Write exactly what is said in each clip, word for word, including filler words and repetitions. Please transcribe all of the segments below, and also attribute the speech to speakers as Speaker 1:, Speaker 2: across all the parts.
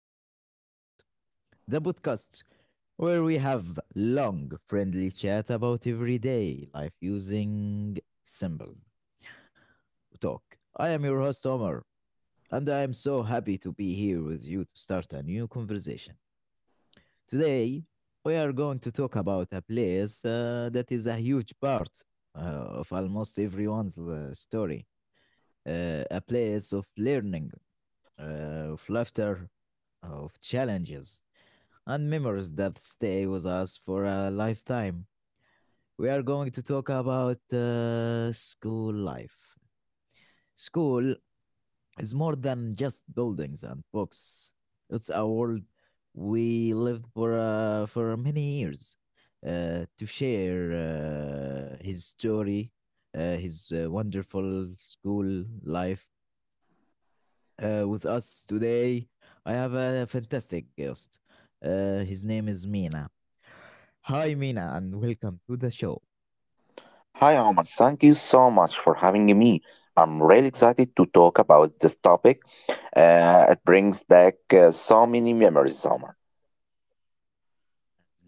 Speaker 1: Simple Talks, the podcast where we have long, friendly chat about everyday life using simple talk. I am your host, Omar, and I am so happy to be here with you to start a new conversation. Today, we are going to talk about a place uh, that is a huge part uh, of almost everyone's uh, story, uh, a place of learning, uh, of laughter, of challenges and memories that stay with us for a lifetime. We are going to talk about uh, school life. School is more than just buildings and books. It's a world we lived for uh, for many years. Uh, to share uh, his story, uh, his uh, wonderful school life uh, with us today. I have a fantastic guest. Uh, his name is Mina. Hi, Mina, and welcome to the show.
Speaker 2: Hi, Omar. Thank you so much for having me. I'm really excited to talk about this topic. Uh, it brings back uh, so many memories, Omar.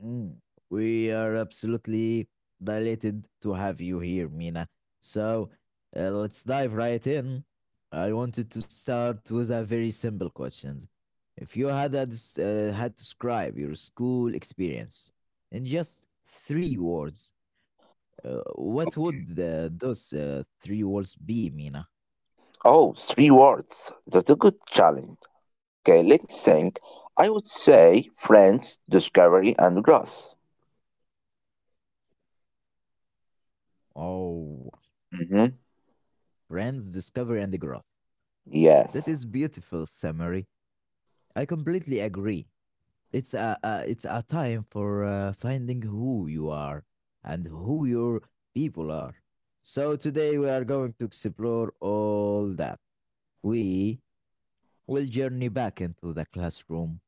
Speaker 1: Mm, we are absolutely delighted to have you here, Mina. So uh, let's dive right in. I wanted to start with a very simple question. If you had a des- uh, had to describe your school experience in just three words, uh, what would uh, those uh, three words be, Mina?
Speaker 2: Oh, three words. That's a good challenge. Okay, let me think. I would say friends, discovery, and growth.
Speaker 1: Oh,
Speaker 2: Mm-hmm.
Speaker 1: brands discovery and growth. That
Speaker 2: Yes.
Speaker 1: is beautiful summary. I completely agree. It's a, a it's a time for uh, finding who you are and who your people are. So today we are going to explore all that. We will journey back into the classroom,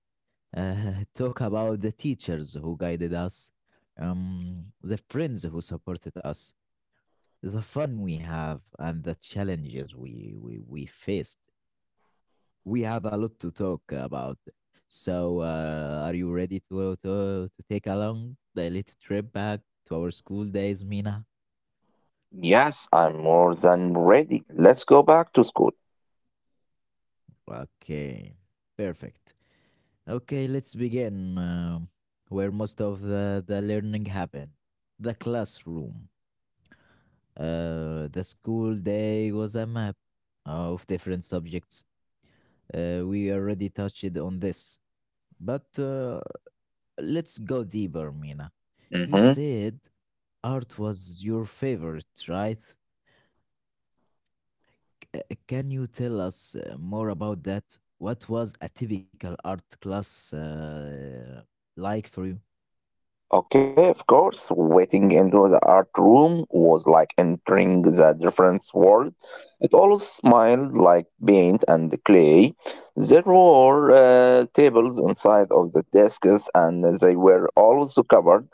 Speaker 1: uh, talk about the teachers who guided us, um, the friends who supported us, the fun we have, and the challenges we we, we faced. We have a lot to talk about. So, uh, are you ready to, to to take along the little trip back to our school days, Mina?
Speaker 2: Yes, I'm more than ready. Let's go back to school.
Speaker 1: Okay, perfect. Okay, let's begin um where most of the, the learning happened, the classroom. Uh, the school day was a map of different subjects. Uh, we already touched on this, but uh, let's go deeper, Mina. You
Speaker 2: Mhm.
Speaker 1: said art was your favorite, right? C- uh, can you tell us uh, more about that? What was a typical art class uh, like for you?
Speaker 2: Okay, of course, waiting into the art room was like entering the different world. It all smelled like paint and clay. There were uh, tables inside of the desks, and they were also covered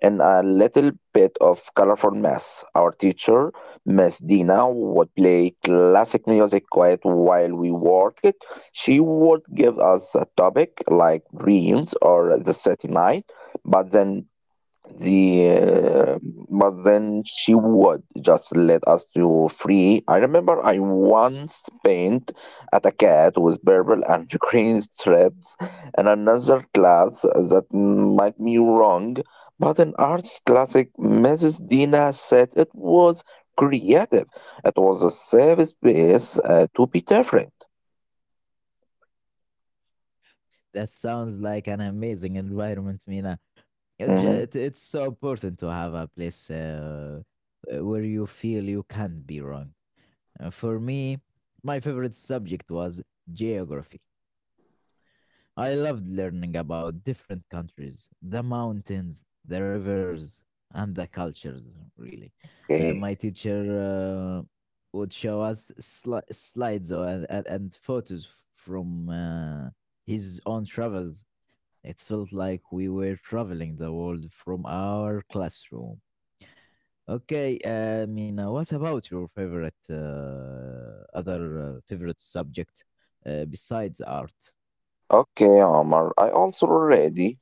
Speaker 2: in a little bit of colorful mess. Our teacher, Miss Dina, would play classic music quiet while we worked. She would give us a topic like dreams or the city night, but then the uh, but then she would just let us do free. I remember I once paint at a cat with purple and green stripes, and another class that might be wrong, but an arts classic Mrs. Dina said it was creative. It was a safe space uh, to be different.
Speaker 1: That sounds like an amazing environment, Mina. It, ju-
Speaker 2: Mhm.
Speaker 1: it- it's so important to have a place uh, uh, where you feel you can't be wrong. Uh, for me, my favorite subject was geography. I loved learning about different countries, the mountains, the rivers, and the cultures, really. Uh,
Speaker 2: Okay.
Speaker 1: my teacher uh, would show us sli- slides or, and, and and photos f- from uh, his own travels. It felt like we were traveling the world from our classroom. Okay, uh, Mina, what about your favorite uh, other uh, favorite subject uh, besides art?
Speaker 2: Okay, Omar, I also ready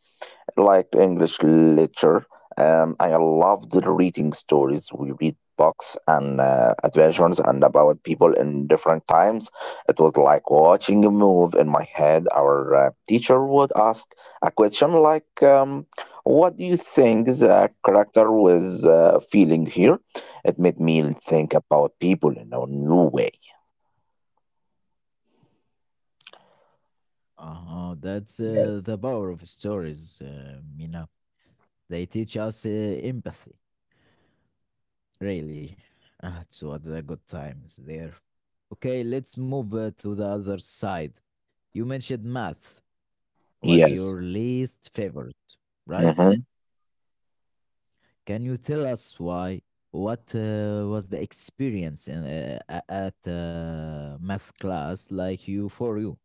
Speaker 2: liked English literature. Um, I loved reading stories. We read books and uh, adventures and about people in different times. It was like watching a movie in my head. Our uh, teacher would ask a question like, um, "What do you think the character was uh, feeling here?" It made me think about people in a new way.
Speaker 1: Uh-huh. That's uh,
Speaker 2: Yes.
Speaker 1: the power of stories, uh, Mina. They teach us uh, empathy, really. Ah, it's what a good times there. Okay, let's move uh, to the other side. You mentioned math was
Speaker 2: Yes.
Speaker 1: your least favorite, right?
Speaker 2: Mm-hmm.
Speaker 1: Can you tell us why? What uh, was the experience in, uh, a- at uh, math class like you for you?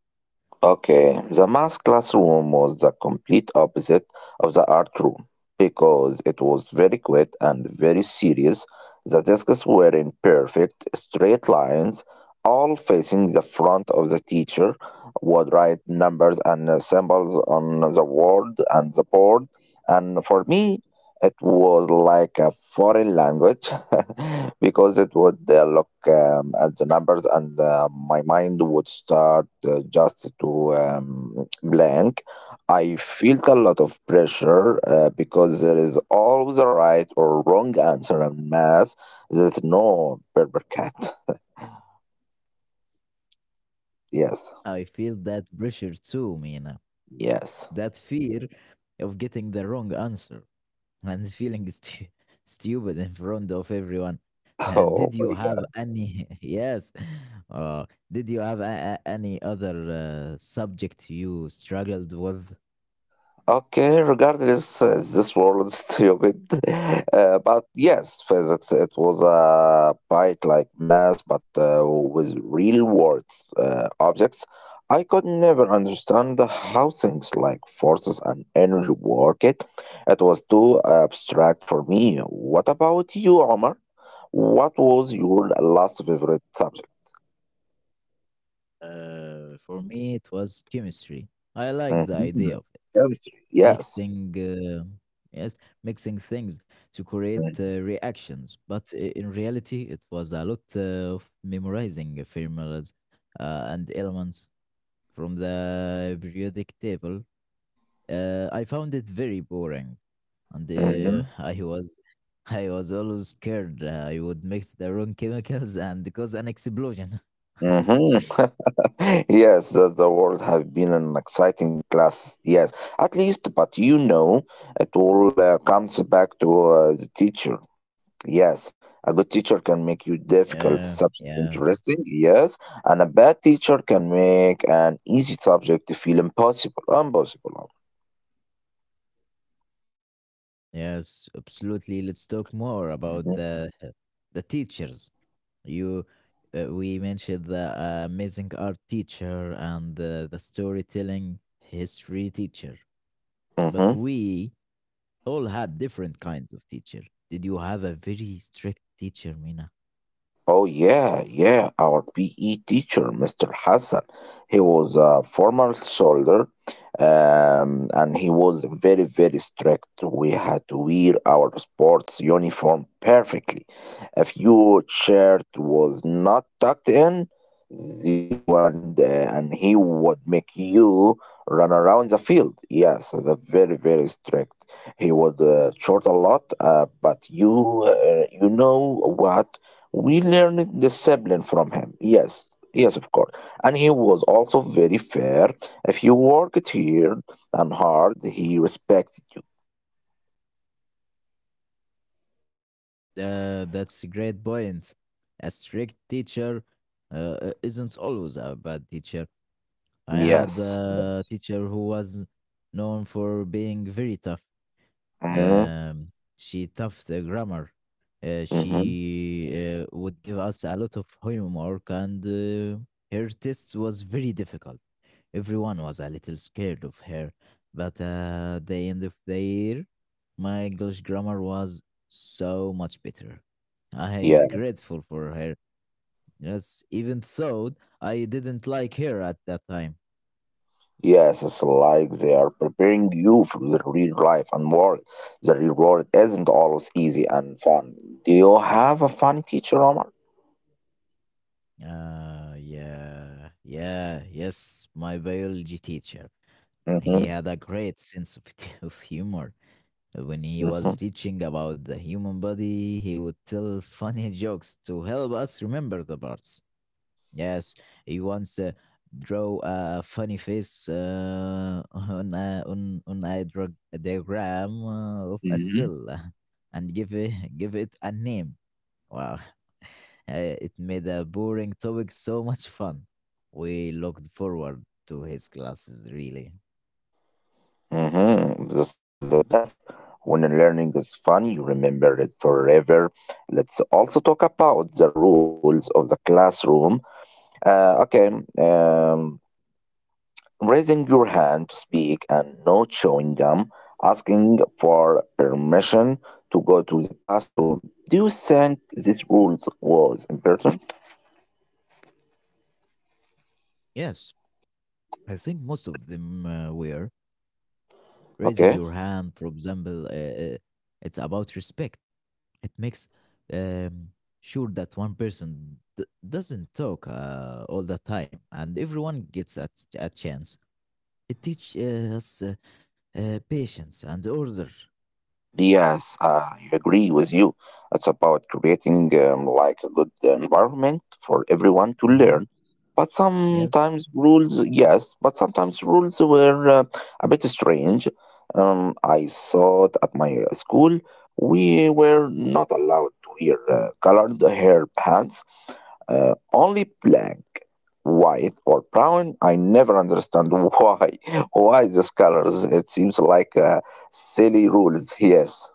Speaker 2: Okay, the math classroom was the complete opposite of the art room because it was very quiet and very serious. The desks were in perfect straight lines, all facing the front of the teacher, would write numbers and uh, symbols on the word and the board. And for me, it was like a foreign language because it would uh, look um, at the numbers and uh, my mind would start uh, just to um, blank. I felt a lot of pressure uh, because there is always a right or wrong answer in math. There's no paper cat. Yes,
Speaker 1: I feel that pressure too, Mina.
Speaker 2: yes.
Speaker 1: That fear of getting the wrong answer, and feeling stu- stupid in front of everyone. Uh,
Speaker 2: Oh
Speaker 1: did
Speaker 2: my.
Speaker 1: you have any? Yes. Uh, did you have a- a- any other uh, subject you struggled with?
Speaker 2: Okay, regardless, uh, this world is stupid. Uh, but yes, physics, it was a bike like math, but uh, with real world uh, objects. I could never understand how things like forces and energy work it. It was too abstract for me. What about you, Omar? What was your last favorite subject?
Speaker 1: Uh, for me, it was chemistry. I like the
Speaker 2: Mhm.
Speaker 1: idea of it.
Speaker 2: Chemistry, yes.
Speaker 1: Mixing. Uh, yes, Mixing things to create uh, reactions. But i- in reality, it was a lot uh, of memorizing formulas uh, and elements from the periodic table. Uh, I found it very boring, and uh,
Speaker 2: Mhm.
Speaker 1: I was I was always scared uh, I would mix the wrong chemicals and cause an explosion.
Speaker 2: Hmm. Yes, the, the world have been an exciting class. Yes, at least, but you know, it all uh, comes back to uh, the teacher. Yes, a good teacher can make you difficult
Speaker 1: Yeah,
Speaker 2: subject
Speaker 1: yes,
Speaker 2: interesting. Yes, and a bad teacher can make an easy subject feel impossible. Impossible.
Speaker 1: yes, absolutely.
Speaker 2: Mm-hmm.
Speaker 1: Let's talk more about the the teachers. You, uh, we mentioned the uh, amazing art teacher and uh, the storytelling history teacher,
Speaker 2: Mm-hmm.
Speaker 1: but we all had different kinds of teacher. Did you have a very strict teacher, Mina?
Speaker 2: Oh yeah, yeah, our P E teacher, Mister Hassan. He was a former soldier, um, and he was very, very strict. We had to wear our sports uniform perfectly. If your shirt was not tucked in, the one uh, and he would make you run around the field. Yes, the very, very strict. He would uh, short a lot, uh, but you, uh, you know what? We learned discipline from him. Yes, yes, of course. And he was also very fair. If you worked here and hard, he respected you.
Speaker 1: Uh, that's a great point. A strict teacher uh, uh, isn't always a bad teacher. I
Speaker 2: Yes.
Speaker 1: had
Speaker 2: Yes.
Speaker 1: a teacher who was known for being very tough.
Speaker 2: Mm-hmm.
Speaker 1: um, she tough the grammar. Uh,
Speaker 2: Mm-hmm.
Speaker 1: she uh, would give us a lot of homework, and uh, her test was very difficult. Everyone was a little scared of her, but uh, at the end of the year, my English grammar was so much better. I
Speaker 2: Yes.
Speaker 1: grateful for her. Yes, even though I didn't like her at that time.
Speaker 2: Yes, it's like they are preparing you for the real life and world. The real world isn't always easy and fun. Do you have a funny teacher, Omar?
Speaker 1: Uh, yeah, yeah, yes, my biology teacher. He
Speaker 2: Mm-hmm.
Speaker 1: had a great sense of, of humor. When he
Speaker 2: Mm-hmm.
Speaker 1: was teaching about the human body, he would tell funny jokes to help us remember the parts. Yes, he once uh, drew a funny face uh, on, a, on, on a, drug, a diagram uh, of a
Speaker 2: Mm-hmm.
Speaker 1: cell and give it, give it a name. Wow. Uh, it made a boring topic so much fun. We looked forward to his classes, really.
Speaker 2: Mm-hmm. This is the best. When learning is fun, you remember it forever. Let's also talk about the rules of the classroom. Uh, okay, um, Raising your hand to speak and not chewing gum. Asking for permission to go to the bathroom. Do you think these rules was important?
Speaker 1: Yes, I think most of them uh, were raising
Speaker 2: Okay.
Speaker 1: your hand, for example. Uh, uh, it's about respect. It makes um, sure that one person d- doesn't talk uh, all the time, and everyone gets a, a chance. It teaches uh, us uh, uh, patience and order.
Speaker 2: Yes, uh, I agree with you. It's about creating um, like a good environment for everyone to
Speaker 1: Hmm,
Speaker 2: learn. But
Speaker 1: yes,
Speaker 2: sometimes rules, yes, but sometimes rules were uh, a bit strange. Um, I saw it at my uh, school. We were not allowed to wear uh, colored hair pants, uh, only black, white, or brown. I never understand why. Why these colors? It seems like uh, silly rules, yes.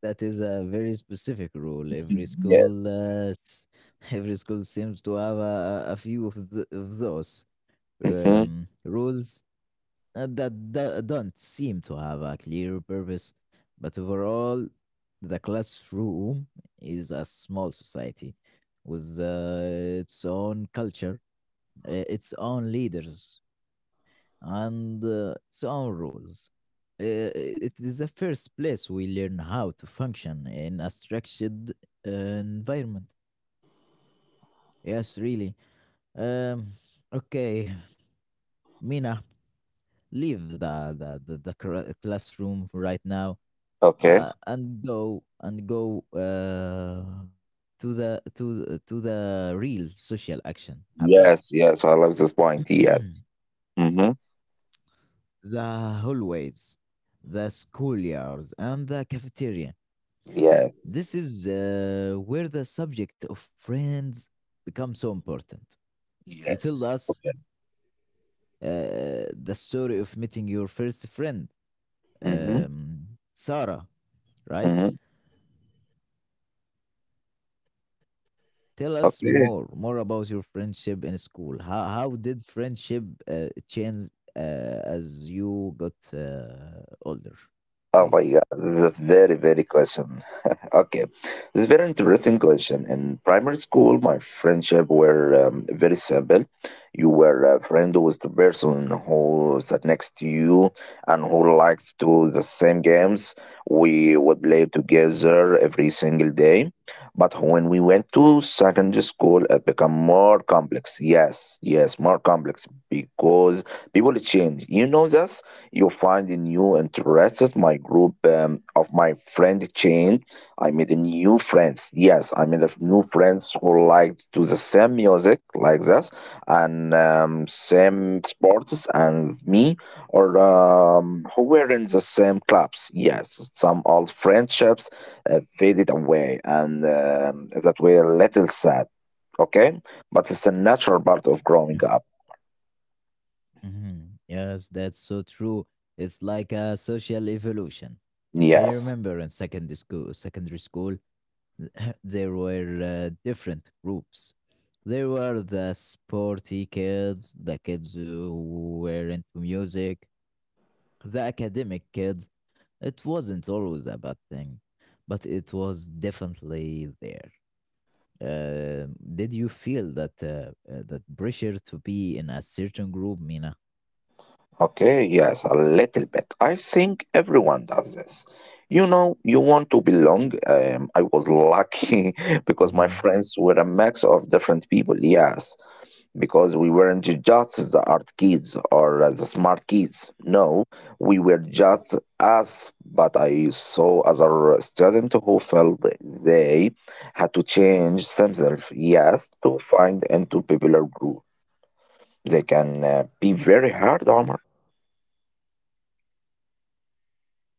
Speaker 1: that is a very specific rule. Every school,
Speaker 2: Yes.
Speaker 1: uh, s- every school seems to have a, a a few of, th of those
Speaker 2: Mm-hmm.
Speaker 1: um, rules uh, that do- don't seem to have a clear purpose, but overall, the classroom is a small society with uh, its own culture, uh, its own leaders, and uh, its own rules. Uh, it is the first place we learn how to function in a structured uh, environment. Yes, really. Um, okay, Mina, leave the, the, the, the cra- classroom right now
Speaker 2: Okay.
Speaker 1: uh, and go and go uh, to the to the, to the real social action happened.
Speaker 2: Yes. Yes. So I love this point. Yes. Mm-hmm.
Speaker 1: The hallways, the schoolyards and the cafeteria,
Speaker 2: Yes.
Speaker 1: this is uh, where the subject of friends becomes so important. You
Speaker 2: Yes.
Speaker 1: tell us
Speaker 2: Okay.
Speaker 1: uh, the story of meeting your first friend,
Speaker 2: Mm-hmm.
Speaker 1: um, Sarah, right?
Speaker 2: Mm-hmm.
Speaker 1: Tell us
Speaker 2: Okay.
Speaker 1: more, more about your friendship in school. How how did friendship uh, change uh, as you got uh, older,
Speaker 2: Oh my
Speaker 1: please?
Speaker 2: God, this is a very, very question. Okay, this is a very interesting question. In primary school, my friendship were um, very simple. You were a friend with the person who sat next to you and who liked to the same games. We would play together every single day. But when we went to secondary school, it became more complex. Yes, yes, more complex because people change. You know that you find a new interests. My group um, of my friend chain. I made a new friends. Yes, I made a f- new friends who liked to the same music like this and um, same sports and me or um, who were in the same clubs. Yes, some old friendships uh, faded away and um, that were a little sad. Okay, but it's a natural part of growing
Speaker 1: Yeah.
Speaker 2: up.
Speaker 1: Hmm, yes, that's so true. It's like a social evolution. I
Speaker 2: Yes.
Speaker 1: remember in secondary school, secondary school, there were uh, different groups. There were the sporty kids, the kids who were into music, the academic kids. It wasn't always a bad thing, but it was definitely there. Um did you feel that uh, uh, that pressure to be in a certain group, Mina?
Speaker 2: Okay, yes, a little bit. I think everyone does this. You know, you want to belong. Um, I was lucky because my
Speaker 1: Hmm,
Speaker 2: friends were a mix of different people, yes, because we weren't just the art kids or uh, the smart kids. No, we were just us, but I saw other students who felt they had to change themselves, yes, to find into popular group. They can uh, be very hard, Omar.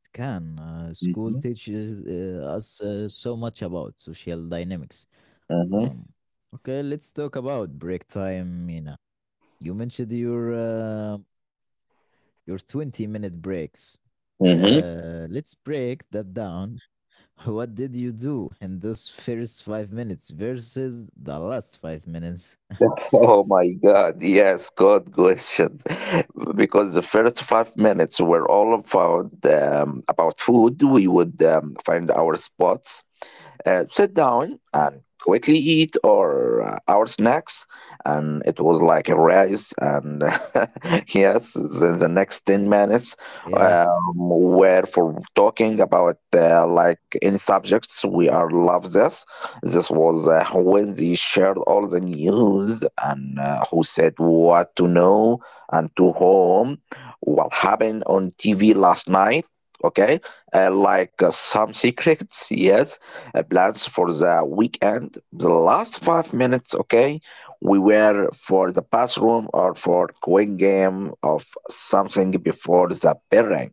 Speaker 1: it can. Uh, school teaches uh, us uh, so much about social dynamics.
Speaker 2: Mm-hmm.
Speaker 1: Um, okay, let's talk about break time, Mina. You mentioned your uh, your twenty minute breaks.
Speaker 2: Mm-hmm.
Speaker 1: Uh, let's break that down. What did you do in those first five minutes versus the last five minutes?
Speaker 2: Oh my God, yes, good question. Because the first five minutes were all about um, about food. We would um, find our spots uh, sit down and quickly eat or uh, our snacks, and it was like a race and yes the, the next ten minutes um,
Speaker 1: Yes,
Speaker 2: were for talking about uh, like any subjects we are love this. This was uh, when they shared all the news and uh, who said what to know and to whom, what happened on TV last night. Okay, uh, like uh, some secrets, yes, uh, plans for the weekend. The last five minutes, okay, we were for the bathroom or for quick game of something before the bell rang.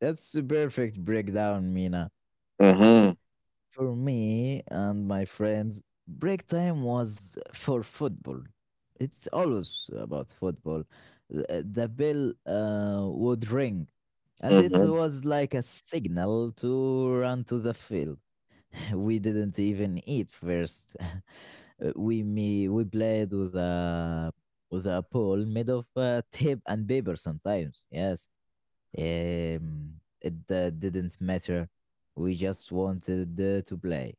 Speaker 1: that's a perfect breakdown, Mina.
Speaker 2: Mm-hmm.
Speaker 1: For me and my friends, break time was for football. It's always about football. The the bell uh, would ring, and it
Speaker 2: Mm-hmm.
Speaker 1: was like a signal to run to the field. We didn't even eat first. Uh, we me we played with a with a pole made of uh, tape and paper sometimes. Yes, um, it uh, didn't matter. We just wanted uh, to play.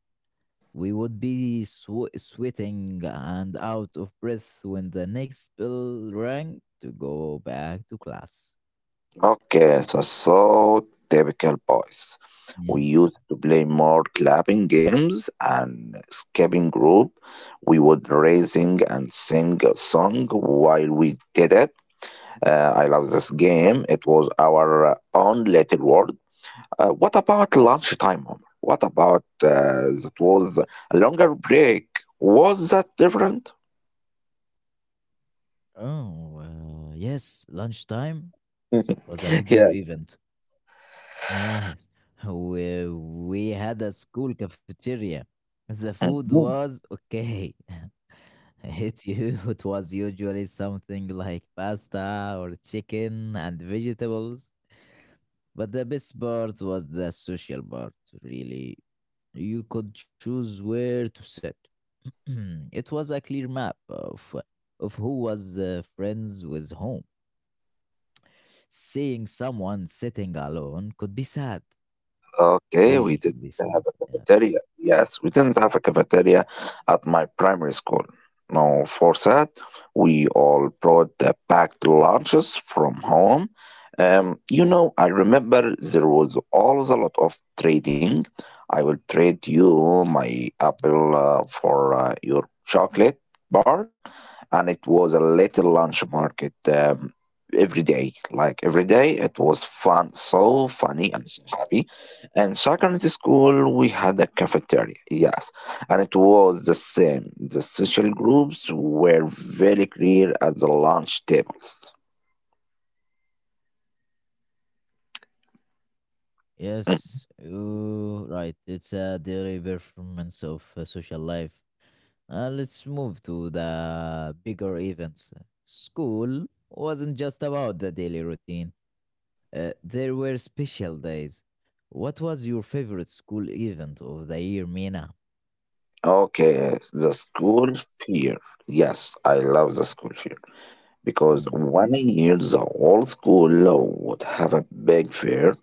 Speaker 1: We would be swe sweating and out of breath when the next bell rang to go back to class.
Speaker 2: Okay, so so typical boys.
Speaker 1: Yeah.
Speaker 2: We used to play more clapping games and skipping group. We would raising and sing a song while we did it. Uh, I love this game. It was our uh, own little world. Uh, what about lunchtime, Omar? What about uh, that was a longer break? Was that different?
Speaker 1: Oh, uh, yes, lunchtime was a bigger
Speaker 2: Yes.
Speaker 1: event. Yes, we, we had a school cafeteria. The food
Speaker 2: Mhm.
Speaker 1: was okay. It, you, it was usually something like pasta or chicken and vegetables. But the best part was the social part, really. You could choose where to sit. It was a clear map of, of who was uh, friends with whom. Seeing someone sitting alone could be sad,
Speaker 2: Okay, we
Speaker 1: really could be
Speaker 2: didn't have
Speaker 1: sad,
Speaker 2: a
Speaker 1: yes.
Speaker 2: cafeteria. Yes, we didn't have a cafeteria at my primary school. No, for that, we all brought the packed lunches from home. Um, you know, I remember there was always a lot of trading. I will trade you my apple uh, for uh, your chocolate bar, and it was a little lunch market um, every day. Like every day, it was fun, so funny and so happy. In secondary school, we had a cafeteria, yes, and it was the same. The social groups were very clear at the lunch tables. Mm.
Speaker 1: Yes, ooh, right. It's a daily performance of uh, social life. Uh, let's move to the bigger events. School wasn't just about the daily routine, uh, there were special days. What was your favorite school event of the year, Mina?
Speaker 2: Okay, the school fear. Yes, I love the school fair because
Speaker 1: Mm,
Speaker 2: one year the whole school would have a big fair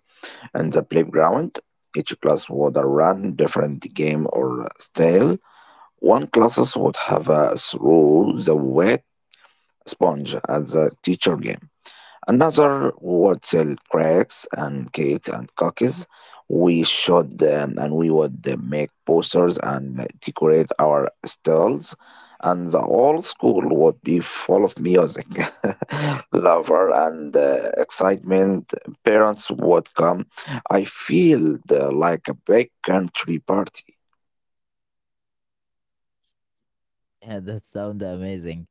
Speaker 2: and the playground. Each class would run different game or style. One classes would have a throw the wet sponge as a teacher game. Another wholesale cracks and cakes and cookies. We should um, and we would uh, make posters and decorate our stalls, and the whole school would be full of music, lover, and uh, excitement. Parents would come. I feel the, like a big country party.
Speaker 1: yeah, that sounds amazing.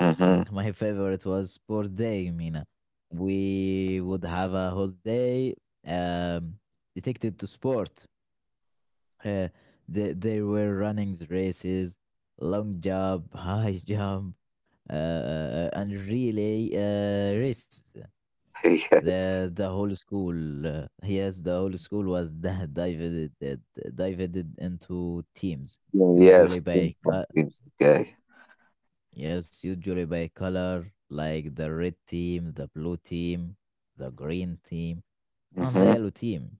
Speaker 2: Mhm.
Speaker 1: Mm, my favorite was sport day, Mina. We would have a whole day um, dedicated to sport. Uh, they, they were running the races, long jump, high jump, uh, uh, and relay uh, races.
Speaker 2: Yes.
Speaker 1: The the whole school, uh, yes, the whole school was di- divided uh, divided into teams, usually
Speaker 2: Yes.
Speaker 1: by
Speaker 2: Things like
Speaker 1: co-
Speaker 2: this. Okay.
Speaker 1: yes, usually by color, like the red team, the blue team, the green team, and the
Speaker 2: Hmm.
Speaker 1: yellow team.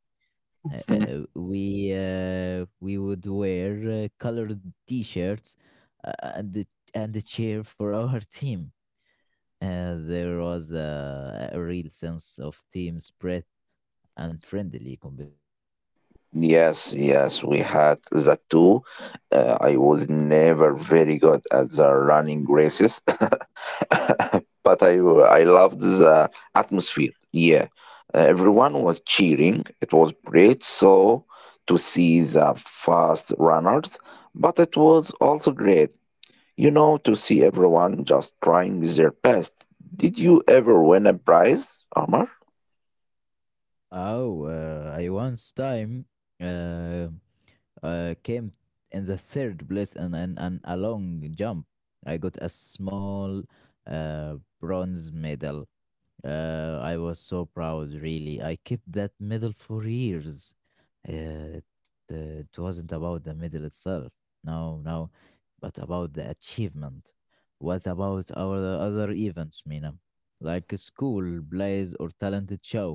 Speaker 1: uh, uh, we uh, we would wear uh, colored t-shirts uh, and and cheer for our team. Uh, there was a, a real sense of team spread and friendly competition.
Speaker 2: Yes, yes, we had that too. Uh, I was never very good at the running races, but I I loved the atmosphere. Yeah, Uh, everyone was cheering. It was great. So to see the fast runners, but it was also great, you know, to see everyone just trying their best. Did you ever win a prize, Omar?
Speaker 1: Oh, uh, I once time uh, uh, came in the third place and, and, and a long jump. I got a small uh, bronze medal. Uh, I was so proud, really. I kept that medal for years. Uh, it, uh, it wasn't about the medal itself, no, no, but about the achievement. What about our other events, Mina? Like school, plays, or talented show?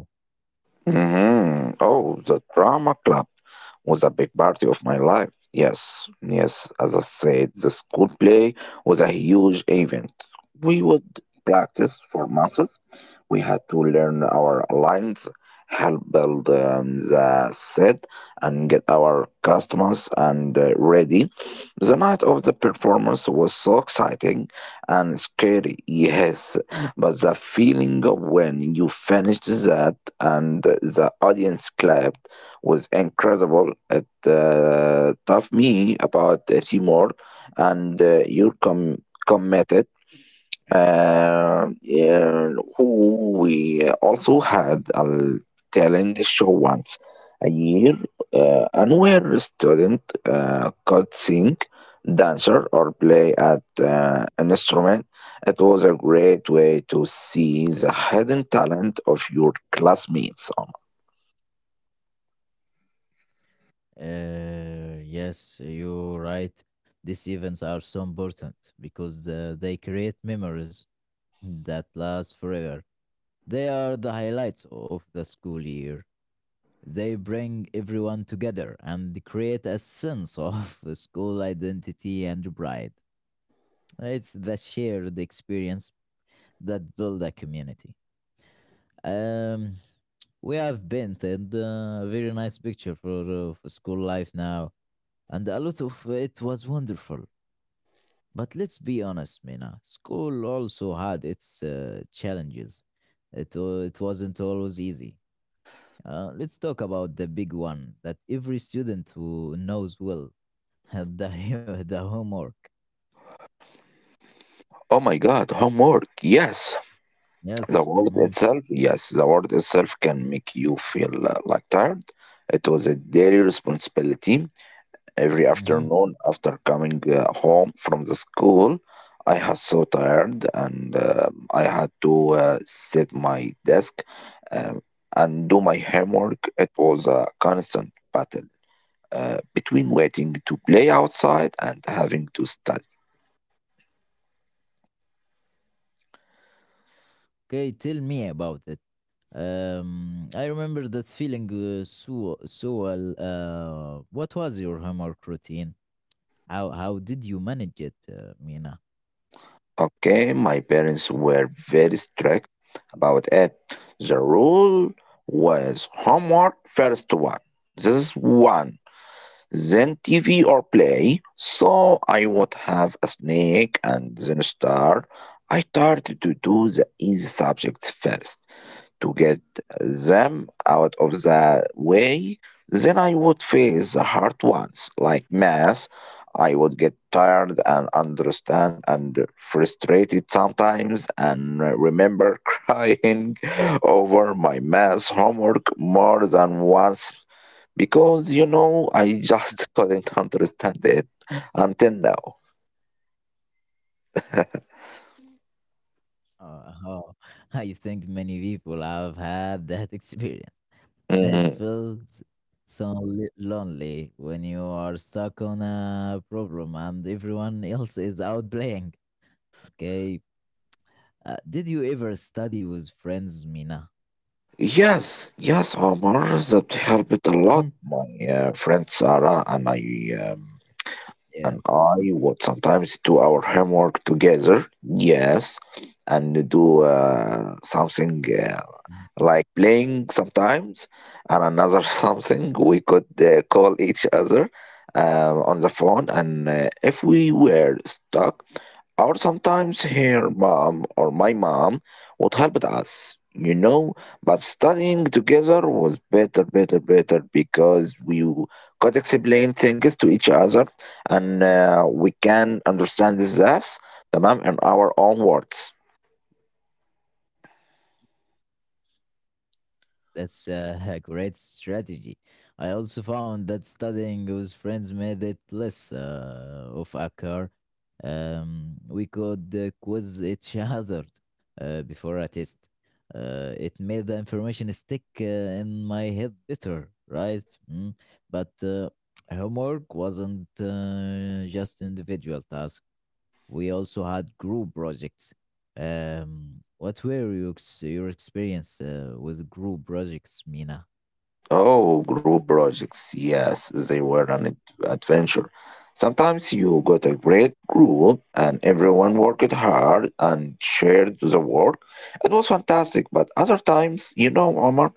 Speaker 2: Hmm. Oh, the drama club was a big part of my life. Yes, yes, as I said, the school play was a huge event. We would practice for months. We had to learn our lines, help build um, the set, and get our customers and uh, ready. The night of the performance was so exciting and scary, yes, but the feeling of when you finished that and the audience clapped was incredible. It uh, taught me about uh, teamwork and uh, you're com- committed. Uh, yeah, who we also had a talent show once a year, uh, and where a student uh, could sing, dancer, or play at uh, an instrument. It was a great way to see the hidden talent of your classmates. Oh,
Speaker 1: Uh, yes, you're right. These events are so important because uh, they create memories that last forever. They are the highlights of the school year. They bring everyone together and create a sense of school identity and pride. It's the shared experience that build a community. Um, we have painted uh, a very nice picture for, uh, for school life now, and a lot of it was wonderful. But let's be honest, Mina, school also had its uh, challenges. It, wa- it wasn't always easy. Uh, let's talk about the big one that every student who knows will the, hu- the homework.
Speaker 2: oh my God, homework! Yes.
Speaker 1: Yes.
Speaker 2: The word
Speaker 1: Mm,
Speaker 2: itself, yes, the word itself can make you feel uh, like tired. It was a daily responsibility. Every
Speaker 1: mhm.
Speaker 2: afternoon after coming uh, home from the school, I was so tired, and uh, I had to uh, sit my desk um, and do my homework. It was a constant battle uh, between waiting to play outside and having to study.
Speaker 1: Okay, tell me about it. Um, I remember that feeling uh, so so well. Uh, what was your homework routine? How how did you manage it, uh, Mina?
Speaker 2: Okay, my parents were very strict about it. The rule was homework first one. This is one. Then T V or play. So I would have a snack and then a star. I started to do the easy subjects first to get them out of the way, then I would face the hard ones like math. I would get tired and understand and frustrated sometimes and remember crying over my math homework more than once because you know I just couldn't understand it until now.
Speaker 1: Uh, oh, I think many people have had that experience. It feels so li- lonely when you are stuck on a problem and everyone else is out playing. Okay. Uh, did you ever study with friends, Mina?
Speaker 2: Yes, yes, Omar, that helped a lot.
Speaker 1: Mm.
Speaker 2: My uh, friend Sarah and I um, and
Speaker 1: Yes.
Speaker 2: I would sometimes do our homework together. Yes, and do uh, something uh, like playing sometimes, and another something we could uh, call each other uh, on the phone. And uh, if we were stuck, or sometimes her mom or my mom would help us, you know, but studying together was better, better, better because we w- could explain things to each other, and uh, we can understand this, the mom, in our own words.
Speaker 1: That's uh, a great strategy. I also found that studying with friends made it less uh, of a chore. Um, we could uh, quiz each other uh, before a test. Uh, it made the information stick uh, in my head better, right? Mm. But uh, homework wasn't uh, just individual task. We also had group projects. Um, what were your, ex- your experience uh, with group projects, Mina?
Speaker 2: Oh, group projects. Yes, they were
Speaker 1: Mm.
Speaker 2: an ad- adventure. Sometimes you got a great group and everyone worked hard and shared the work. It was fantastic. But other times, you know, Omar,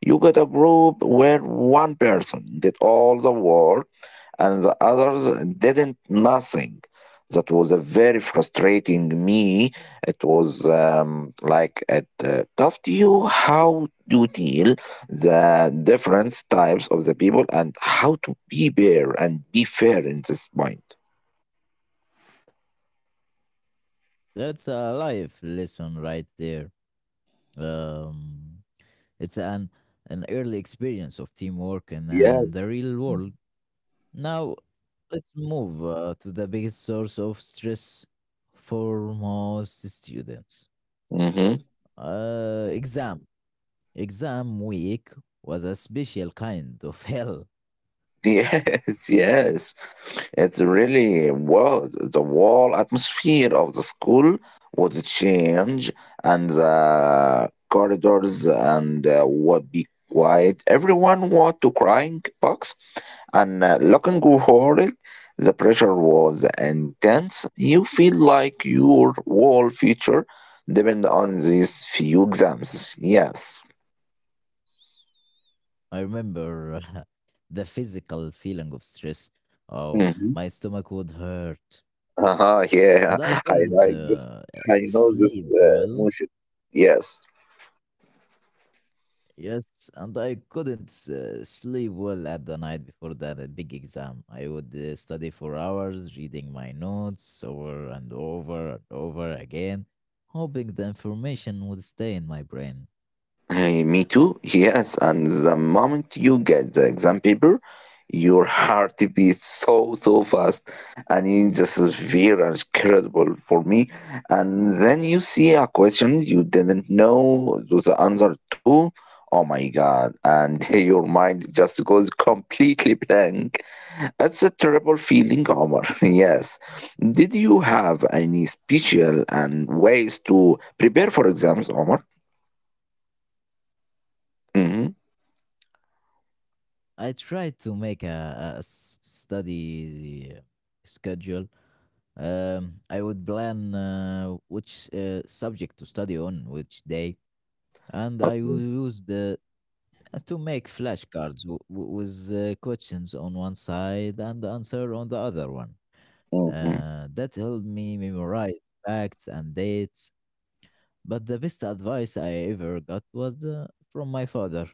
Speaker 2: you got a group where one person did all the work and the others didn't nothing. That was a very frustrating me. It was um, like it uh, tough to you how to deal the different types of the people and how to be fair and be fair in this point.
Speaker 1: That's a life lesson right there. Um, it's an an early experience of teamwork in uh, the
Speaker 2: Yes.
Speaker 1: real world. Now, let's move uh, to the biggest source of stress for most students.
Speaker 2: Mhm.
Speaker 1: Uh, exam. Exam week was a special kind of hell.
Speaker 2: Yes, yes. It's really was the whole atmosphere of the school would change, and the corridors and uh, would be quiet. Everyone want to crying box, and uh, looking horrid. The pressure was intense. You feel like your whole future depend on these few exams. Yes.
Speaker 1: I remember the physical feeling of stress. Oh,
Speaker 2: Mm-hmm.
Speaker 1: my stomach would hurt,
Speaker 2: Uh-huh, yeah,
Speaker 1: and I
Speaker 2: I
Speaker 1: couldn't
Speaker 2: like this.
Speaker 1: uh, uh,
Speaker 2: I know this
Speaker 1: sleep
Speaker 2: uh,
Speaker 1: well.
Speaker 2: emotion. Yes,
Speaker 1: Yes, and I couldn't uh, sleep well at the night before that uh, big exam. I would uh, study for hours, reading my notes over and over and over again, hoping the information would stay in my brain.
Speaker 2: hey, me too. Yes, and the moment you get the exam paper, your heart beats so so fast, and it's just very incredible for me. And then you see a question you didn't know the answer to. Oh my God! And your mind just goes completely blank. That's a terrible feeling, Omar. Yes. Did you have any special and ways to prepare for exams, Omar? Mm-hmm.
Speaker 1: I tried to make a, a s- study uh, schedule. Um, I would plan uh, which uh, subject to study on which day, and I
Speaker 2: Okay.
Speaker 1: used uh, uh, to make flashcards w- w- with uh, questions on one side and the answer on the other one.
Speaker 2: Mm-hmm.
Speaker 1: Uh, that helped me memorize facts and dates. But the best advice I ever got was uh, from my father.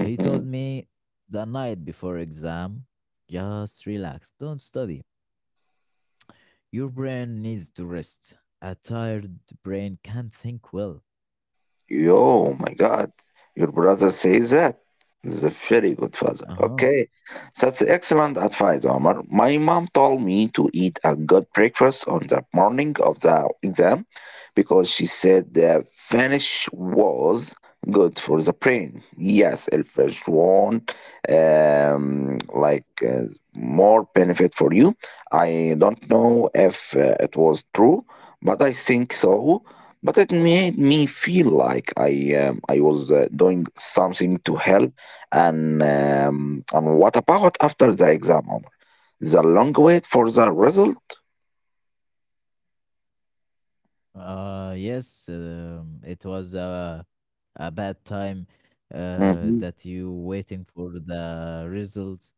Speaker 1: He told me, the night before exam, just relax, don't study. Your brain needs to rest. A tired brain can't think well.
Speaker 2: Yo, my God, your brother says that. He's a very good father.
Speaker 1: Uh huh.
Speaker 2: Okay, that's excellent advice, Omar. My mom told me to eat a good breakfast on the morning of the exam because she said the Finnish was good for the brain. Yes, el Finnish one, um, like uh, more benefit for you. I don't know if uh, it was true, but I think so, but it made me feel like I um, I was uh, doing something to help. And um, and what about after the exam, Omar? The long wait for the result?
Speaker 1: Uh, yes, um, it was a, a bad time uh,
Speaker 2: Hmm.
Speaker 1: that you waiting for the results.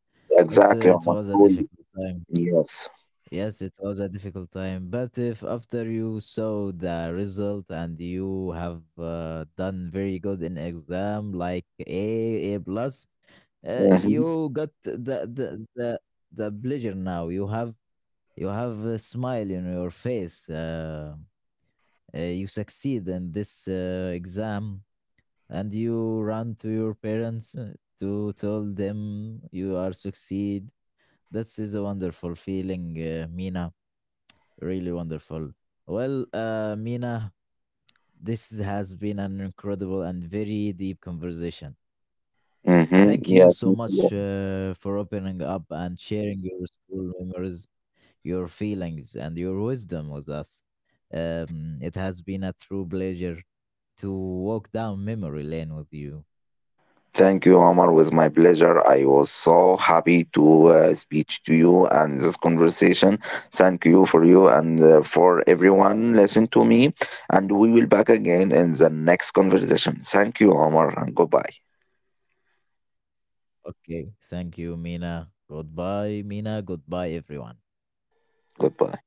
Speaker 1: It, uh,
Speaker 2: Exactly,
Speaker 1: it
Speaker 2: Omar.
Speaker 1: was a
Speaker 2: Fully.
Speaker 1: difficult time.
Speaker 2: Yes.
Speaker 1: Yes, it was a difficult time. But if after you saw the result and you have uh, done very good in exam, like A, A plus, uh,
Speaker 2: Mm-hmm.
Speaker 1: you got the, the the the pleasure now. You have you have a smile in your face. Uh, uh, you succeed in this uh, exam, and you run to your parents uh, to tell them you are succeed. This is a wonderful feeling, uh, Mina, really wonderful. Well, uh, Mina, this has been an incredible and very deep conversation.
Speaker 2: Mm-hmm.
Speaker 1: Thank you
Speaker 2: Yes,
Speaker 1: so
Speaker 2: me too.
Speaker 1: much uh, for opening up and sharing your school memories, your feelings, and your wisdom with us. Um, it has been a true pleasure to walk down memory lane with you.
Speaker 2: Thank you, Omar. It was my pleasure. I was so happy to uh, speak to you and this conversation. Thank you for you and uh, for everyone listen to me. And we will back again in the next conversation. Thank you, Omar, and goodbye.
Speaker 1: Okay. Thank you, Mina. Goodbye, Mina. Goodbye, everyone.
Speaker 2: Goodbye.